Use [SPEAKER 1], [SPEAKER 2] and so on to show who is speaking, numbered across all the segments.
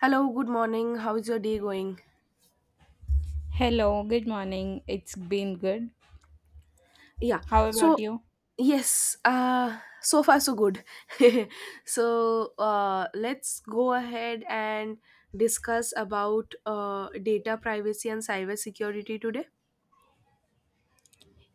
[SPEAKER 1] Hello, good morning. How is your day going?
[SPEAKER 2] Hello, good morning. It's been good.
[SPEAKER 1] Yeah.
[SPEAKER 2] How about
[SPEAKER 1] So,
[SPEAKER 2] you?
[SPEAKER 1] Yes, so far so good. So let's go ahead and discuss about data privacy and cyber security today.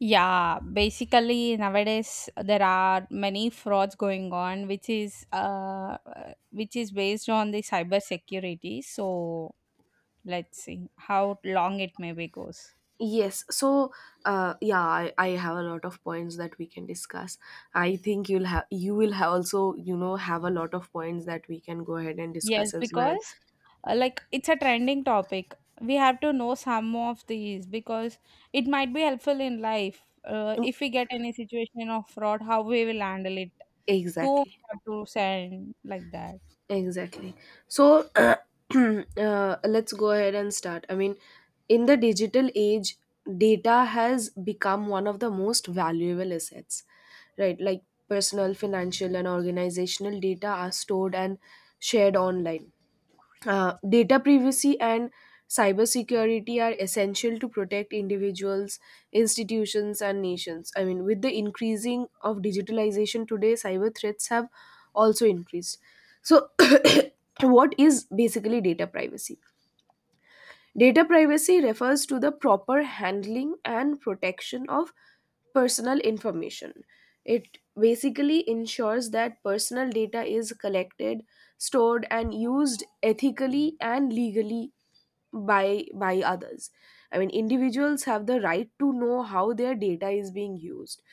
[SPEAKER 2] Yeah, basically nowadays there are many frauds going on, which is based on the cyber security. So let's see how long it maybe goes.
[SPEAKER 1] Yes, so yeah, I have a lot of points that we can discuss. I think you will have also have a lot of points that we can go ahead and
[SPEAKER 2] Yes,
[SPEAKER 1] discuss as well.
[SPEAKER 2] because like it's a trending topic. We have to know some of these because it might be helpful in life. If we get any situation of fraud, how we will handle it. Two
[SPEAKER 1] Exactly.
[SPEAKER 2] have to send like that.
[SPEAKER 1] Exactly. So let's go ahead and start. I mean, in the digital age, data has become one of the most valuable assets, right? Like personal, financial, and organizational data are stored and shared online. Data privacy and cybersecurity are essential to protect individuals, institutions, and nations. I mean, with the increasing of digitalization today, cyber threats have also increased. So, what is basically data privacy? Data privacy refers to the proper handling and protection of personal information. It basically ensures that personal data is collected, stored, and used ethically and legally by others. I mean individuals have the right to know how their data is being used.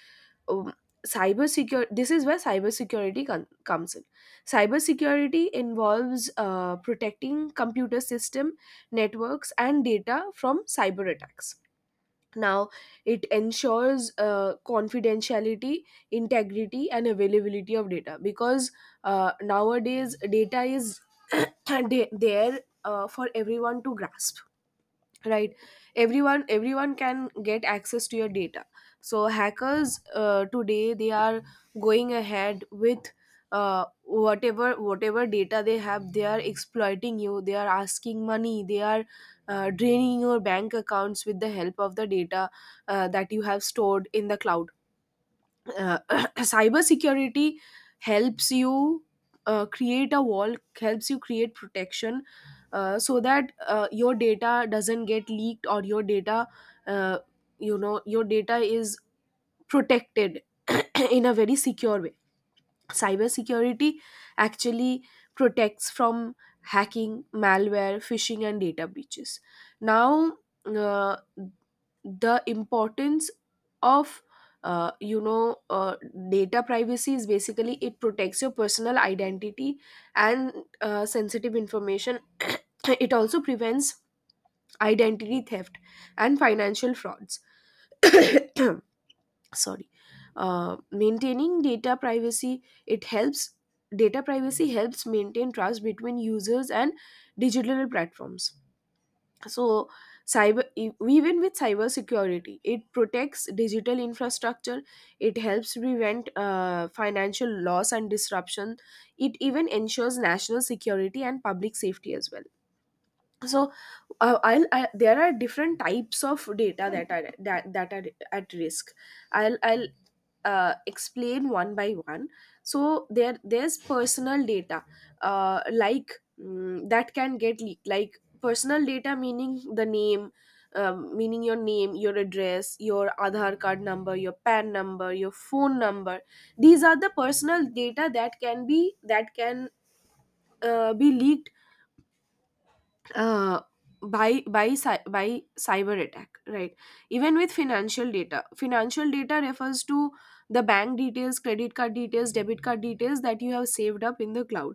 [SPEAKER 1] um, cyber secure This is where comes in. Cybersecurity involves protecting computer system networks, and data from cyber attacks. Now, it ensures confidentiality, integrity, and availability of data, because nowadays data is there, for everyone to grasp, right. Everyone can get access to your data. So hackers, today they are going ahead with whatever data they have. They are exploiting you, they are asking money, they are draining your bank accounts with the help of the data that you have stored in the cloud. uh, Cybersecurity helps you create a wall, helps you create protection, so that your data doesn't get leaked, or your data, uh, your data is protected in a very secure way. Cybersecurity actually protects from hacking, malware, phishing, and data breaches. Now, uh, the importance of, uh, you know uh, data privacy is basically it protects your personal identity and sensitive information. It also prevents identity theft and financial frauds. Sorry. Maintaining data privacy it helps Data privacy helps maintain trust between users and digital platforms. So even with cyber security, it protects digital infrastructure. It helps prevent financial loss and disruption. It even ensures national security and public safety as well. So there are different types of data that are that, that are at risk. I'll explain one by one. So there's personal data, like, that can get leaked, like personal data, meaning the name, meaning your name, your address, your Aadhaar card number, your pan number, your phone number. These are the personal data that can be, that can be leaked uh, by cyber attack, right. Even with financial data, financial data refers to the bank details, credit card details, debit card details that you have saved up in the cloud.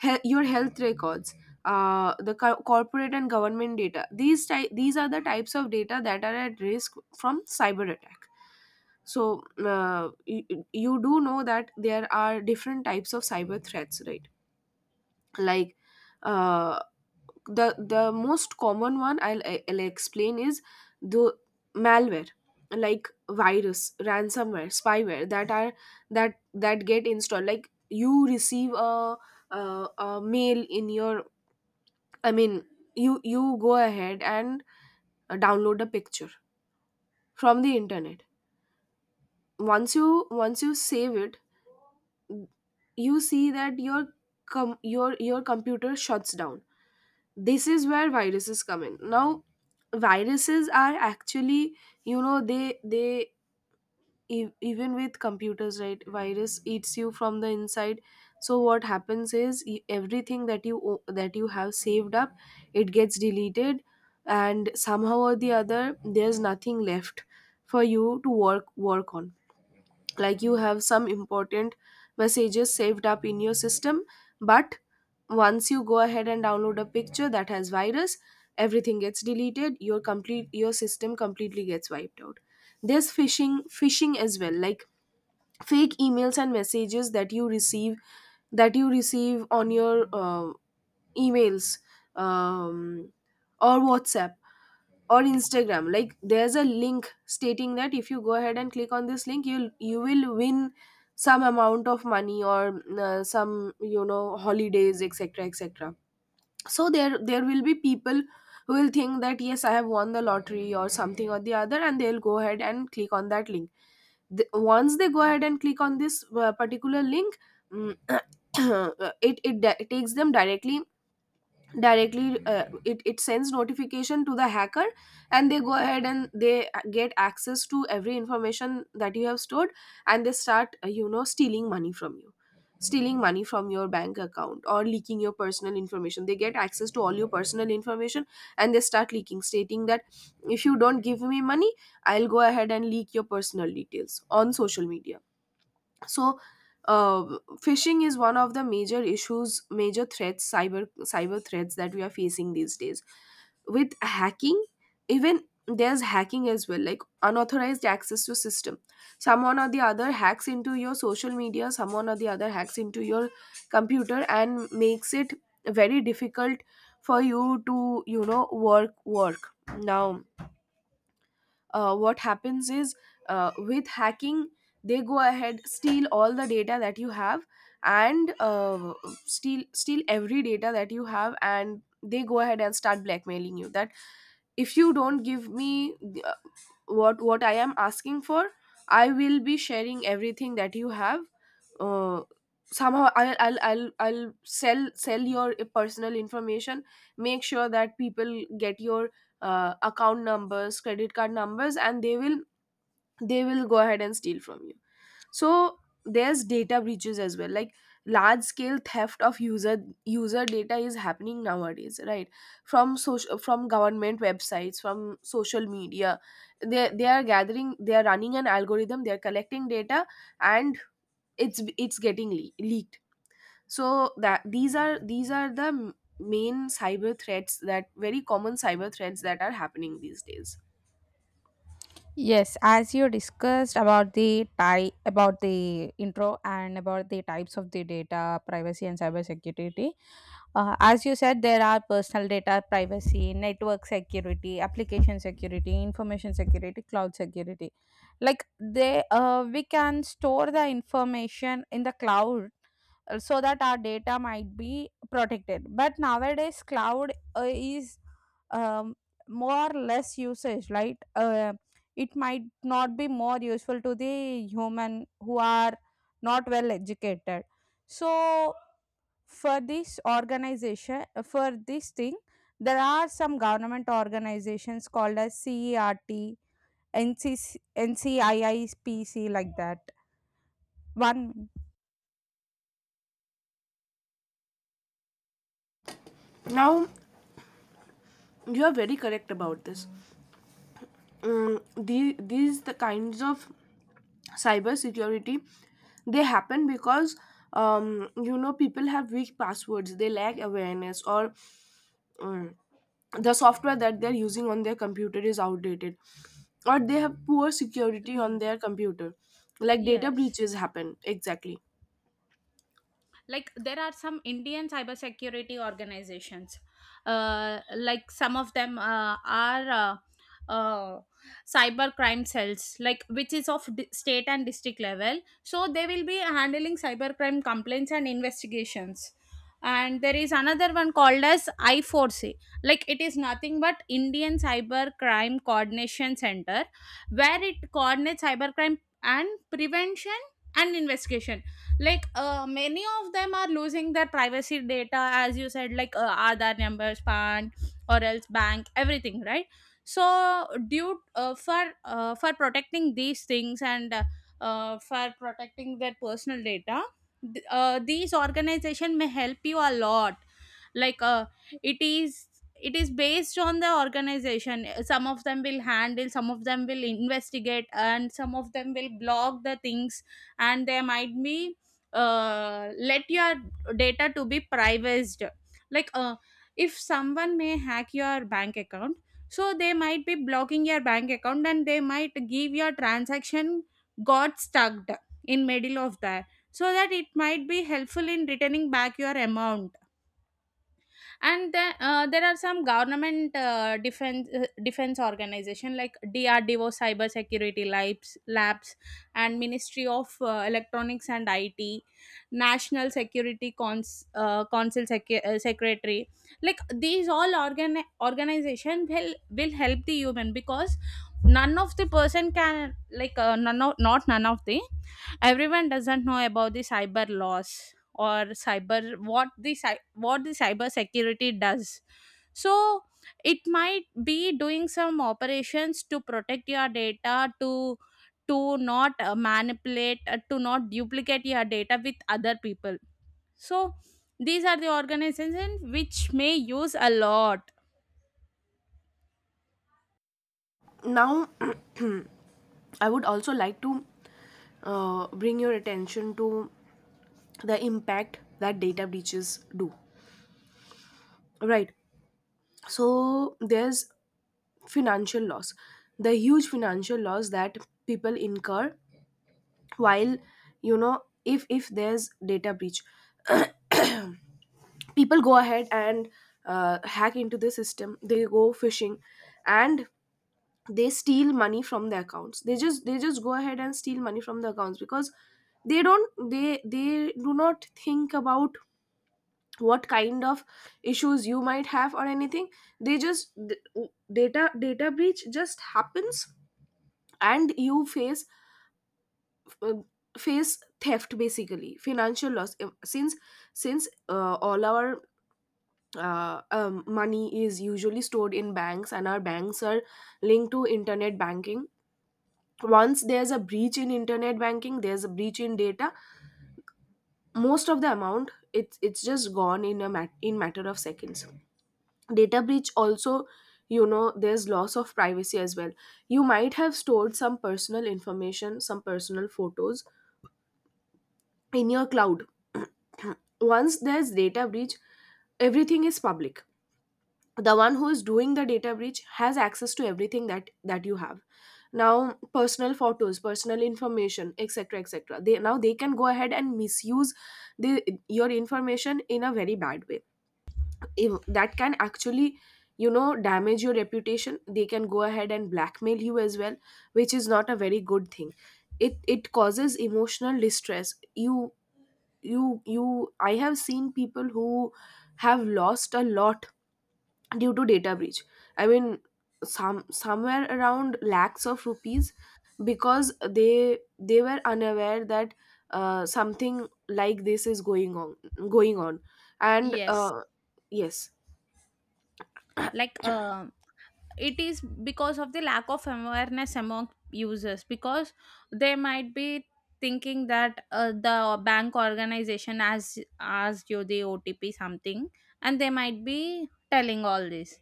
[SPEAKER 1] Your health records, corporate and government data, these are the types of data that are at risk from cyber attack. So you do know that there are different types of cyber threats, right? Like uh, the most common one I'll explain is the malware, like virus, ransomware, spyware that are that get installed. Like you receive a mail in your, I mean, you go ahead and download a picture from the internet. Once you save it, you see that your computer shuts down. This is where viruses come in. Now, viruses are actually, you know, even with computers, right, virus eats you from the inside. So what happens is, everything that that you have saved up, it gets deleted, and somehow or the other, there's nothing left for you to work on. Like you have some important messages saved up in your system, but once you go ahead and download a picture that has virus, everything gets deleted. Your system completely gets wiped out. There's phishing as well, like fake emails and messages that you receive, on your emails, um, or whatsapp or instagram. Like there's a link stating that if you go ahead and click on this link, you will win some amount of money, or some, you know, holidays, etc., etc. So there will be people who will think that, yes, I have won the lottery or something or the other, and they'll go ahead and click on that link. Once they go ahead and click on this particular link, mm, takes them directly. It sends notification to the hacker, and they go ahead and they get access to every information that you have stored, and they start, stealing money from you, stealing money from your bank account, or leaking your personal information. They get access to all your personal information, and they start leaking, stating that, if you don't give me money, I'll go ahead and leak your personal details on social media. So, uh, phishing is one of the major issues, major threats, cyber threats that we are facing these days. With hacking, even there's hacking as well, like unauthorized access to system. Someone or the other hacks into your social media, someone or the other hacks into your computer and makes it very difficult for you to, you know, work. Now, what happens is, with hacking, they go ahead, steal all the data that you have, and steal every data that you have, and they go ahead and start blackmailing you that, if you don't give me uh, what I am asking for, I will be sharing everything that you have. Uh, somehow I'll, I'll i'll i'll sell sell your personal information, make sure that people get your account numbers, credit card numbers, and they will go ahead and steal from you. So there's data breaches as well, like large scale theft of user data is happening nowadays, right? From government websites, from social media, they are gathering, they are running an algorithm, they are collecting data, and it's getting leaked. So that these are the main cyber threats, that very common cyber threats that are happening these days.
[SPEAKER 2] Yes, as you discussed about the type, about the intro and about the types of the data privacy and cybersecurity. As you said, there are personal data privacy, network security, application security, information security, cloud security. We can store the information in the cloud so that our data might be protected, but nowadays cloud is, um, more or less usage, right? It might not be more useful to the human who are not well educated. So for this organization, for this thing, there are some government organizations called as CERT, NCC, NCIIPC, like that. One
[SPEAKER 1] Now, you are very correct about this. The, these the kinds of cybersecurity, they happen because, you know, people have weak passwords, they lack awareness, or um, the software that they're using on their computer is outdated, or they have poor security on
[SPEAKER 2] Mm,
[SPEAKER 1] their computer, like data
[SPEAKER 2] yes,
[SPEAKER 1] breaches happen. Exactly.
[SPEAKER 2] like there are some Indian cybersecurity organizations, like some of them are cyber crime cells, like which is of state and district level, so they will be handling cyber crime complaints and investigations. And there is another one called as i4c, like it is nothing but Indian Cyber Crime Coordination Center, where it coordinates cybercrime and prevention and investigation. Like many of them are losing their privacy data, as you said, like Aadhaar numbers, pan, or else bank, everything, right? So due for protecting these things, and for protecting their personal data, these organization may help you a lot. Like it is, it is based on the organization. Some of them will handle, some of them will investigate, and some of them will block the things. And there might be, let your data to be privacy. Like if someone may hack your bank account, so they might be blocking your bank account, and they might give your transaction got stuck in middle of that, so that it might be helpful in returning back your amount. And there are some government defense organization like DRDO cyber security labs and Ministry of Electronics and IT, National Security Council secretary. Like these all organization will help the human, because none of the person can, like none of the, everyone doesn't know about the cyber laws, or cyber, what the cyber security does. So it might be doing some operations to protect your data, to not manipulate to not duplicate your data with other people. So these are the organizations which may use a lot.
[SPEAKER 1] Now, I would also like to bring your attention to the impact that data breaches do, right? So there's financial loss, the huge financial loss that people incur, while, you know, if there's data breach. People go ahead and hack into the system, they go phishing, and they steal money from the accounts. They just go ahead and steal money from the accounts, because they don't they do not think about what kind of issues you might have or anything. They just d- data data breach just happens, and you face, uh, face theft, basically financial loss. Since all our money is usually stored in banks, and our banks are linked to internet banking, once there's a breach in internet banking, there's a breach in data, most of the amount, it's just gone in a mat- in matter of seconds. Data breach also, you know, there's loss of privacy as well. You might have stored some personal information, some personal photos in your cloud. Once there's data breach, everything is public. The one who is doing the data breach has access to everything that you have. Now, personal photos, personal information, etc., etc. They can go ahead and misuse the your information in a very bad way. If that can actually damage your reputation, they can go ahead and blackmail you as well, which is not a very good thing. It causes emotional distress. You I have seen people who have lost a lot due to data breach. I mean, somewhere around lakhs of rupees, because they were unaware that something like this is going on going on and
[SPEAKER 2] Yes,
[SPEAKER 1] yes,
[SPEAKER 2] like it is because of the lack of awareness among users, because they might be thinking that the bank organization has asked you the otp something, and they might be telling all this.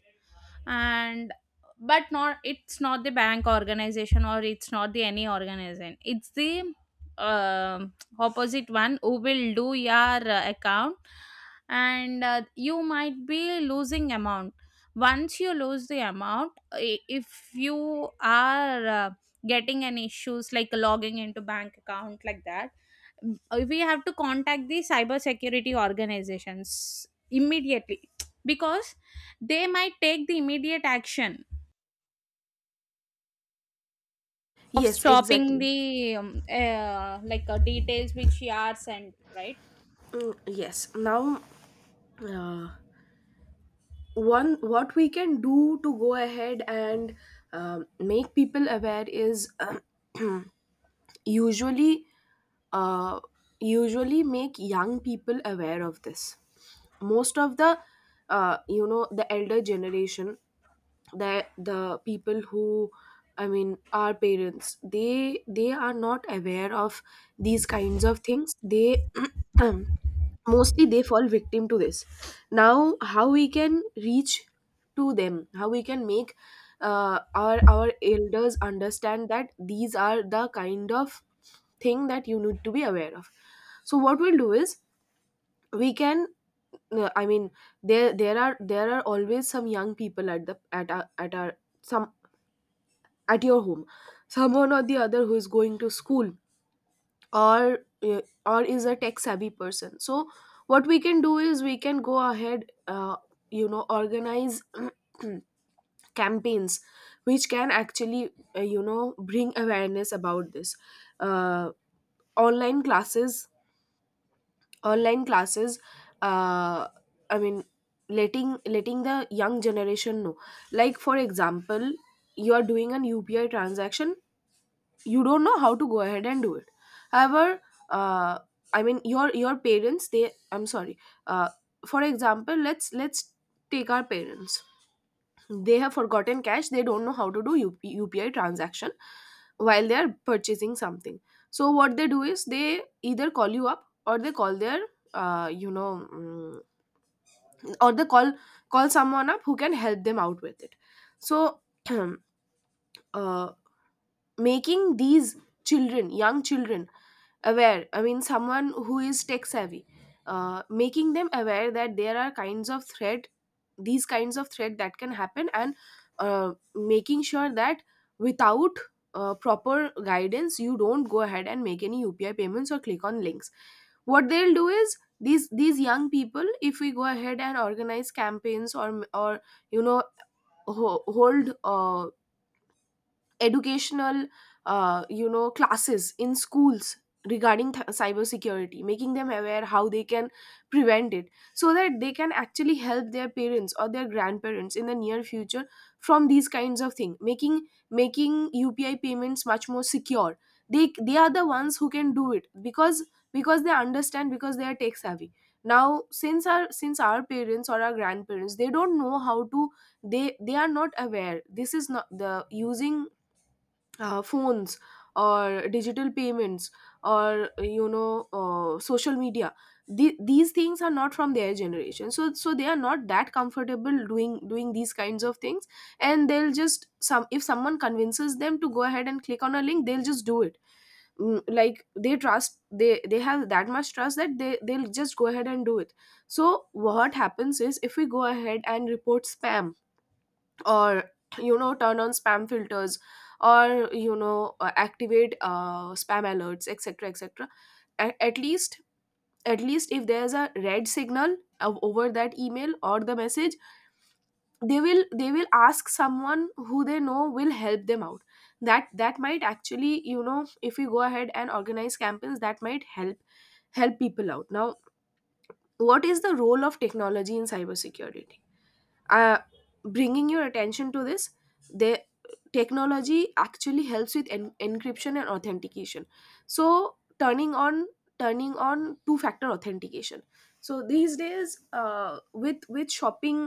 [SPEAKER 2] And but not, it's not the bank organization, or it's not the any organization, it's the, um, opposite one who will do your account, and you might be losing amount. Once you lose the amount, if you are getting any issues like logging into bank account like that, we have to contact the cyber security organizations immediately, because they might take the immediate action of
[SPEAKER 1] yes,
[SPEAKER 2] stopping
[SPEAKER 1] exactly.
[SPEAKER 2] the details which you are sent, right?
[SPEAKER 1] Mm, yes, now uh, one what we can do to go ahead and make people aware is usually, uh, make young people aware of this. Most of the the elder generation, the people who, I mean, our parents, they are not aware of these kinds of things. They Mostly they fall victim to this. Now, how we can reach to them, how we can make our elders understand that these are the kind of thing that you need to be aware of. So what we'll do is, we can I mean, there are always some young people at the at our some at your home, someone or the other who is going to school, or is a tech savvy person. So what we can do is we can go ahead, organize campaigns which can actually, bring awareness about this. uh, Online classes, online classes uh, I mean, letting the young generation know, like for example, you are doing an upi transaction, you don't know how to go ahead and do it. However, uh, I mean, your parents, they I'm sorry. uh, for example, let's take our parents. They have forgotten cash, they don't know how to do upi transaction while they are purchasing something. So what they do is, they either call you up, or they call their, uh, you know mm, or they call someone up who can help them out with it. So uh, making these, children young children aware, I mean someone who is tech savvy, making them aware that there are kinds of threat these kinds of threat that can happen, and making sure that, without proper guidance, you don't go ahead and make any upi payments or click on links. What they'll do is, these young people, if we go ahead and organize campaigns, or, you know hold, educational, classes in schools regarding, cyber security, making them aware how they can prevent it, so that they can actually help their parents or their grandparents in the near future from these kinds of things, making upi payments much more secure. They are the ones who can do it, because they understand, because they are tech savvy. Now, since our parents or our grandparents, they don't know how to. They are not aware. This is not the using phones or digital payments, or social media. These things are not from their generation, so they are not that comfortable doing these kinds of things. And they'll just, some if someone convinces them to go ahead and click on a link, they'll just do it. Like, they have that much trust that they'll just go ahead and do it. So what happens is, if we go ahead and report spam, or turn on spam filters, or activate spam alerts, etc, etc. A- at least at least, if there's a red signal over that email or the message, they will ask someone who they know will help them out. That might actually, if we go ahead and organize campaigns, that might help, people out. Now, what is the role of technology in cybersecurity? uh, Bringing your attention to this, the technology actually helps with encryption and authentication. So, turning on two factor authentication. So these days, with shopping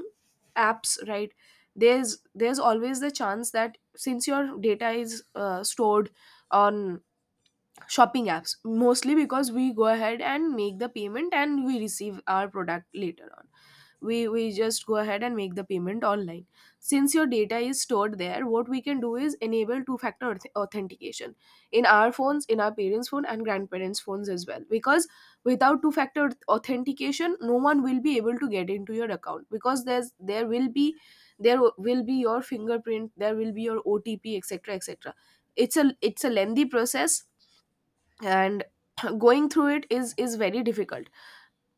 [SPEAKER 1] apps, right, there's always the chance that, since your data is stored on shopping apps, mostly because we go ahead and make the payment and we receive our product later on. We just go ahead and make the payment online. Since your data is stored there, what we can do is enable two factor authentication in our phones, in our parents phone and grandparents phones as well, because without two factor authentication, no one will be able to get into your account, because there will be your fingerprint, there will be your otp, etc, etc. It's a lengthy process. And going through it is very difficult.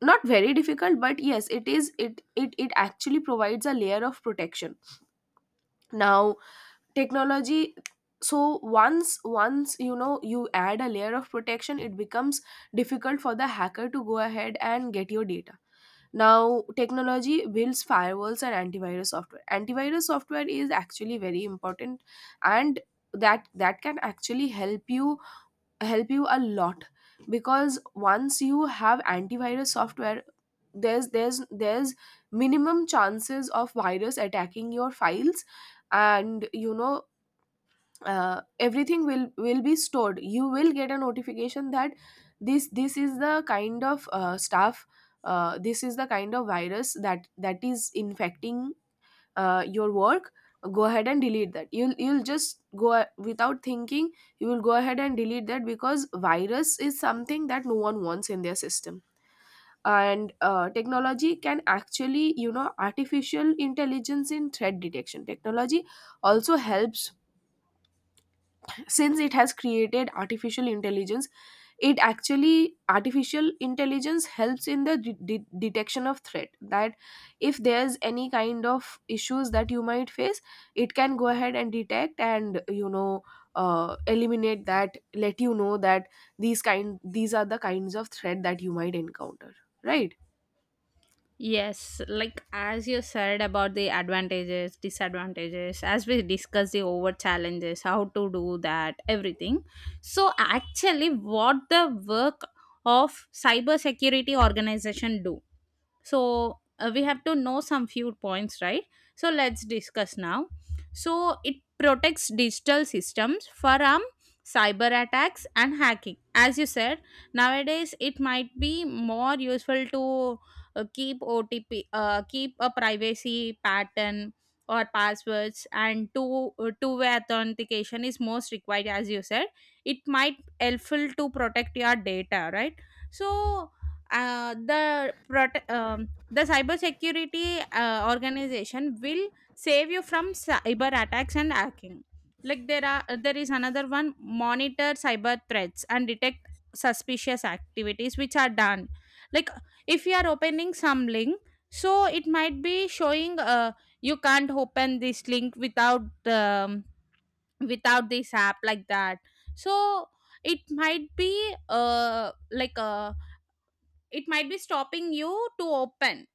[SPEAKER 1] Not very difficult, but yes, it is. It actually provides a layer of protection. Now, technology so once, you add a layer of protection, it becomes difficult for the hacker to go ahead and get your data. Now, technology builds firewalls and antivirus software. Antivirus software is actually very important, and that can actually help you, a lot. Because once you have antivirus software, there's minimum chances of virus attacking your files. And, everything will be stored. You will get a notification that this is the kind of stuff. This is the kind of virus that is infecting your work. Go ahead and delete that. You'll just go, without thinking, you will go ahead and delete that, because virus is something that no one wants in their system. And technology can actually, artificial intelligence in threat detection technology also helps. Since it has created artificial intelligence, it actually artificial intelligence helps in the detection of threat. That if there's any kind of issues that you might face, it can go ahead and detect and, eliminate that. Let you know that, these are the kinds of threat that you might encounter, right.
[SPEAKER 2] Yes, like as you said about the advantages, disadvantages, as we discussed the over challenges, how to do that, everything. So actually what the work of cybersecurity organization do? So we have to know some few points, right? So let's discuss now. So it protects digital systems from cyber attacks and hacking, as you said. Nowadays it might be more useful to keep a privacy pattern or passwords, and two-way authentication is most required, as you said. It might helpful to protect your data, right? So the cybersecurity organization will save you from cyber attacks and hacking. Like there are, there is another one, monitor cyber threats and detect suspicious activities which are done. Like if you are opening some link, so it might be showing, you can't open this link without, without this app, like that. So it might be, like a, it might be stopping you to open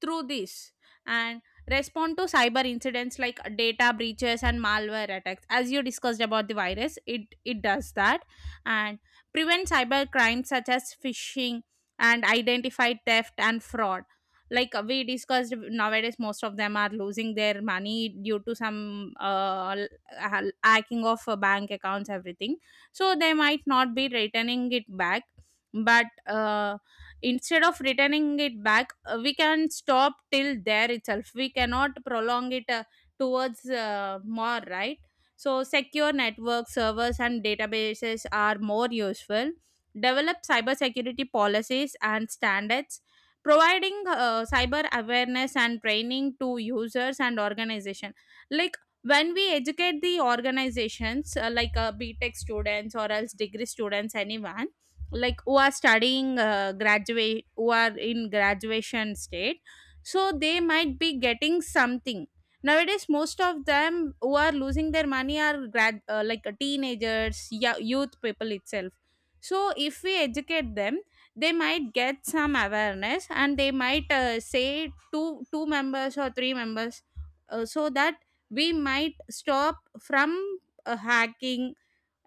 [SPEAKER 2] through this. And respond to cyber incidents like data breaches and malware attacks, as you discussed about the virus, it does that. And prevent cyber crimes such as phishing and identify theft and fraud. Like we discussed, nowadays most of them are losing their money due to some hacking of bank accounts, everything. So they might not be returning it back, but instead of returning it back, we can stop till there itself, we cannot prolong it towards more, right? So secure network servers and databases are more useful. Develop cybersecurity policies and standards, providing cyber awareness and training to users and organization. Like when we educate the organizations, B Tech students or else degree students, anyone, like who are studying, graduate, who are in graduation state, so they might be getting something. Nowadays most of them who are losing their money are grad like teenagers, yeah, youth people itself. So if we educate them, they might get some awareness, and they might say two members or three members, so that we might stop from hacking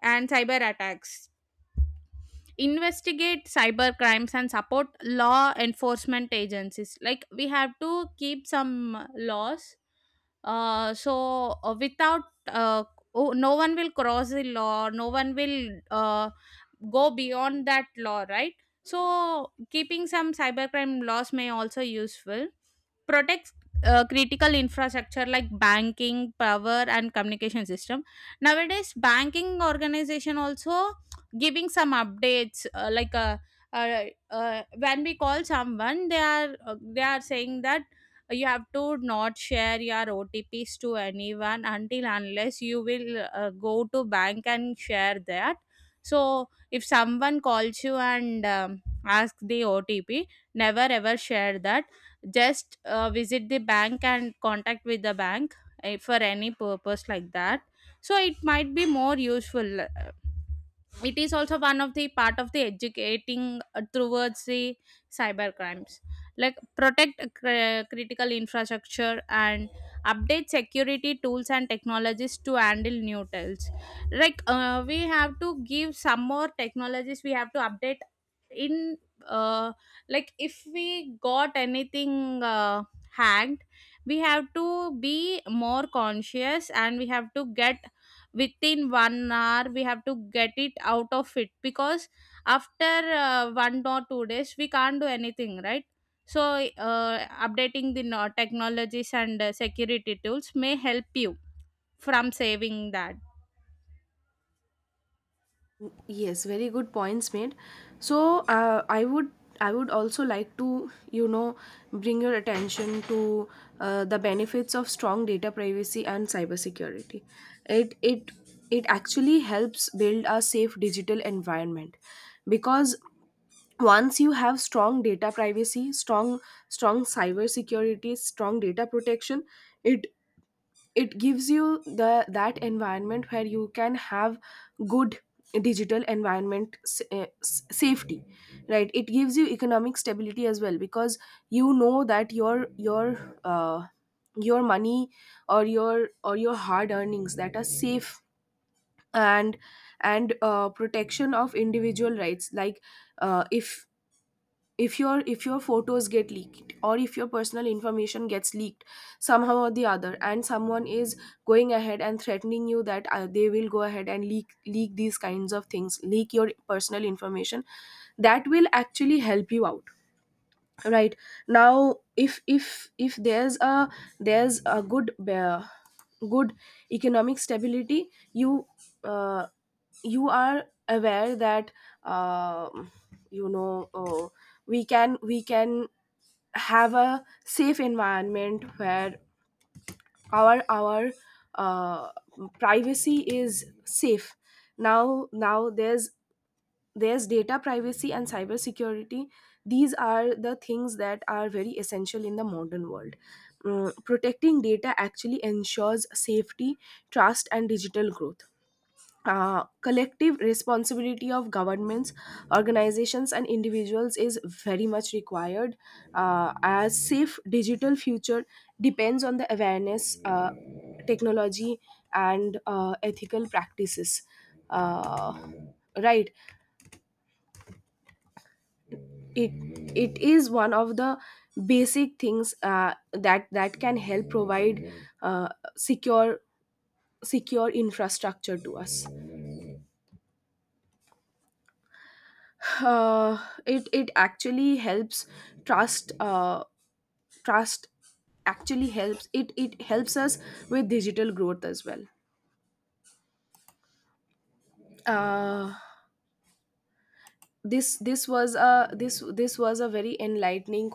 [SPEAKER 2] and cyber attacks. Investigate cyber crimes and support law enforcement agencies, like we have to keep some laws. Without uh, oh, no one will cross the law, no one will go beyond that law, right? So keeping some cybercrime laws may also useful. Protects critical infrastructure like banking, power, and communication system. Nowadays banking organization also giving some updates, when we call someone, they are, they are saying that you have to not share your otps to anyone until unless you will go to bank and share that. So if someone calls you and, ask the otp, never ever share that. Just visit the bank and contact with the bank, for any purpose like that. So it might be more useful. It is also one of the part of the educating towards the cyber crimes. Like protect critical infrastructure and update security tools and technologies to handle new tools. Like we have to give some more technologies, we have to update in, uh, like if we got anything hacked, we have to be more conscious, and we have to get within one hour, we have to get it out of it, because after one or two days we can't do anything, right? So uh, updating the technologies and security tools may help you from saving that.
[SPEAKER 1] Yes, very good points made. So I would also like to, bring your attention to the benefits of strong data privacy and cybersecurity. It it it actually helps build a safe digital environment. Because once you have strong data privacy, strong cybersecurity, strong data protection, it it gives you, the that environment where you can have good digital environment, safety, right. It gives you economic stability as well, because you know that your money, or your hard earnings that are safe. And, protection of individual rights, like uh, if if your photos get leaked, or if your personal information gets leaked somehow or the other, and someone is going ahead and threatening you that they will go ahead and leak these kinds of things, leak your personal information. That will actually help you out, right. Now, if there's a good, good economic stability, uh, you are aware that, um you know uh, we can have a safe environment where our uh, privacy is safe. Now, there's data privacy and cybersecurity. These are the things that are very essential in the modern world. Protecting data actually ensures safety, trust, and digital growth. Collective responsibility of governments, organizations, and individuals is very much required. As safe digital future depends on the awareness, technology, and ethical practices. Uh, right. It is one of the basic things, that can help provide, uh, secure secure infrastructure to us. uh, it actually helps trust. Trust actually helps. It helps us with digital growth as well. uh, this was a very enlightening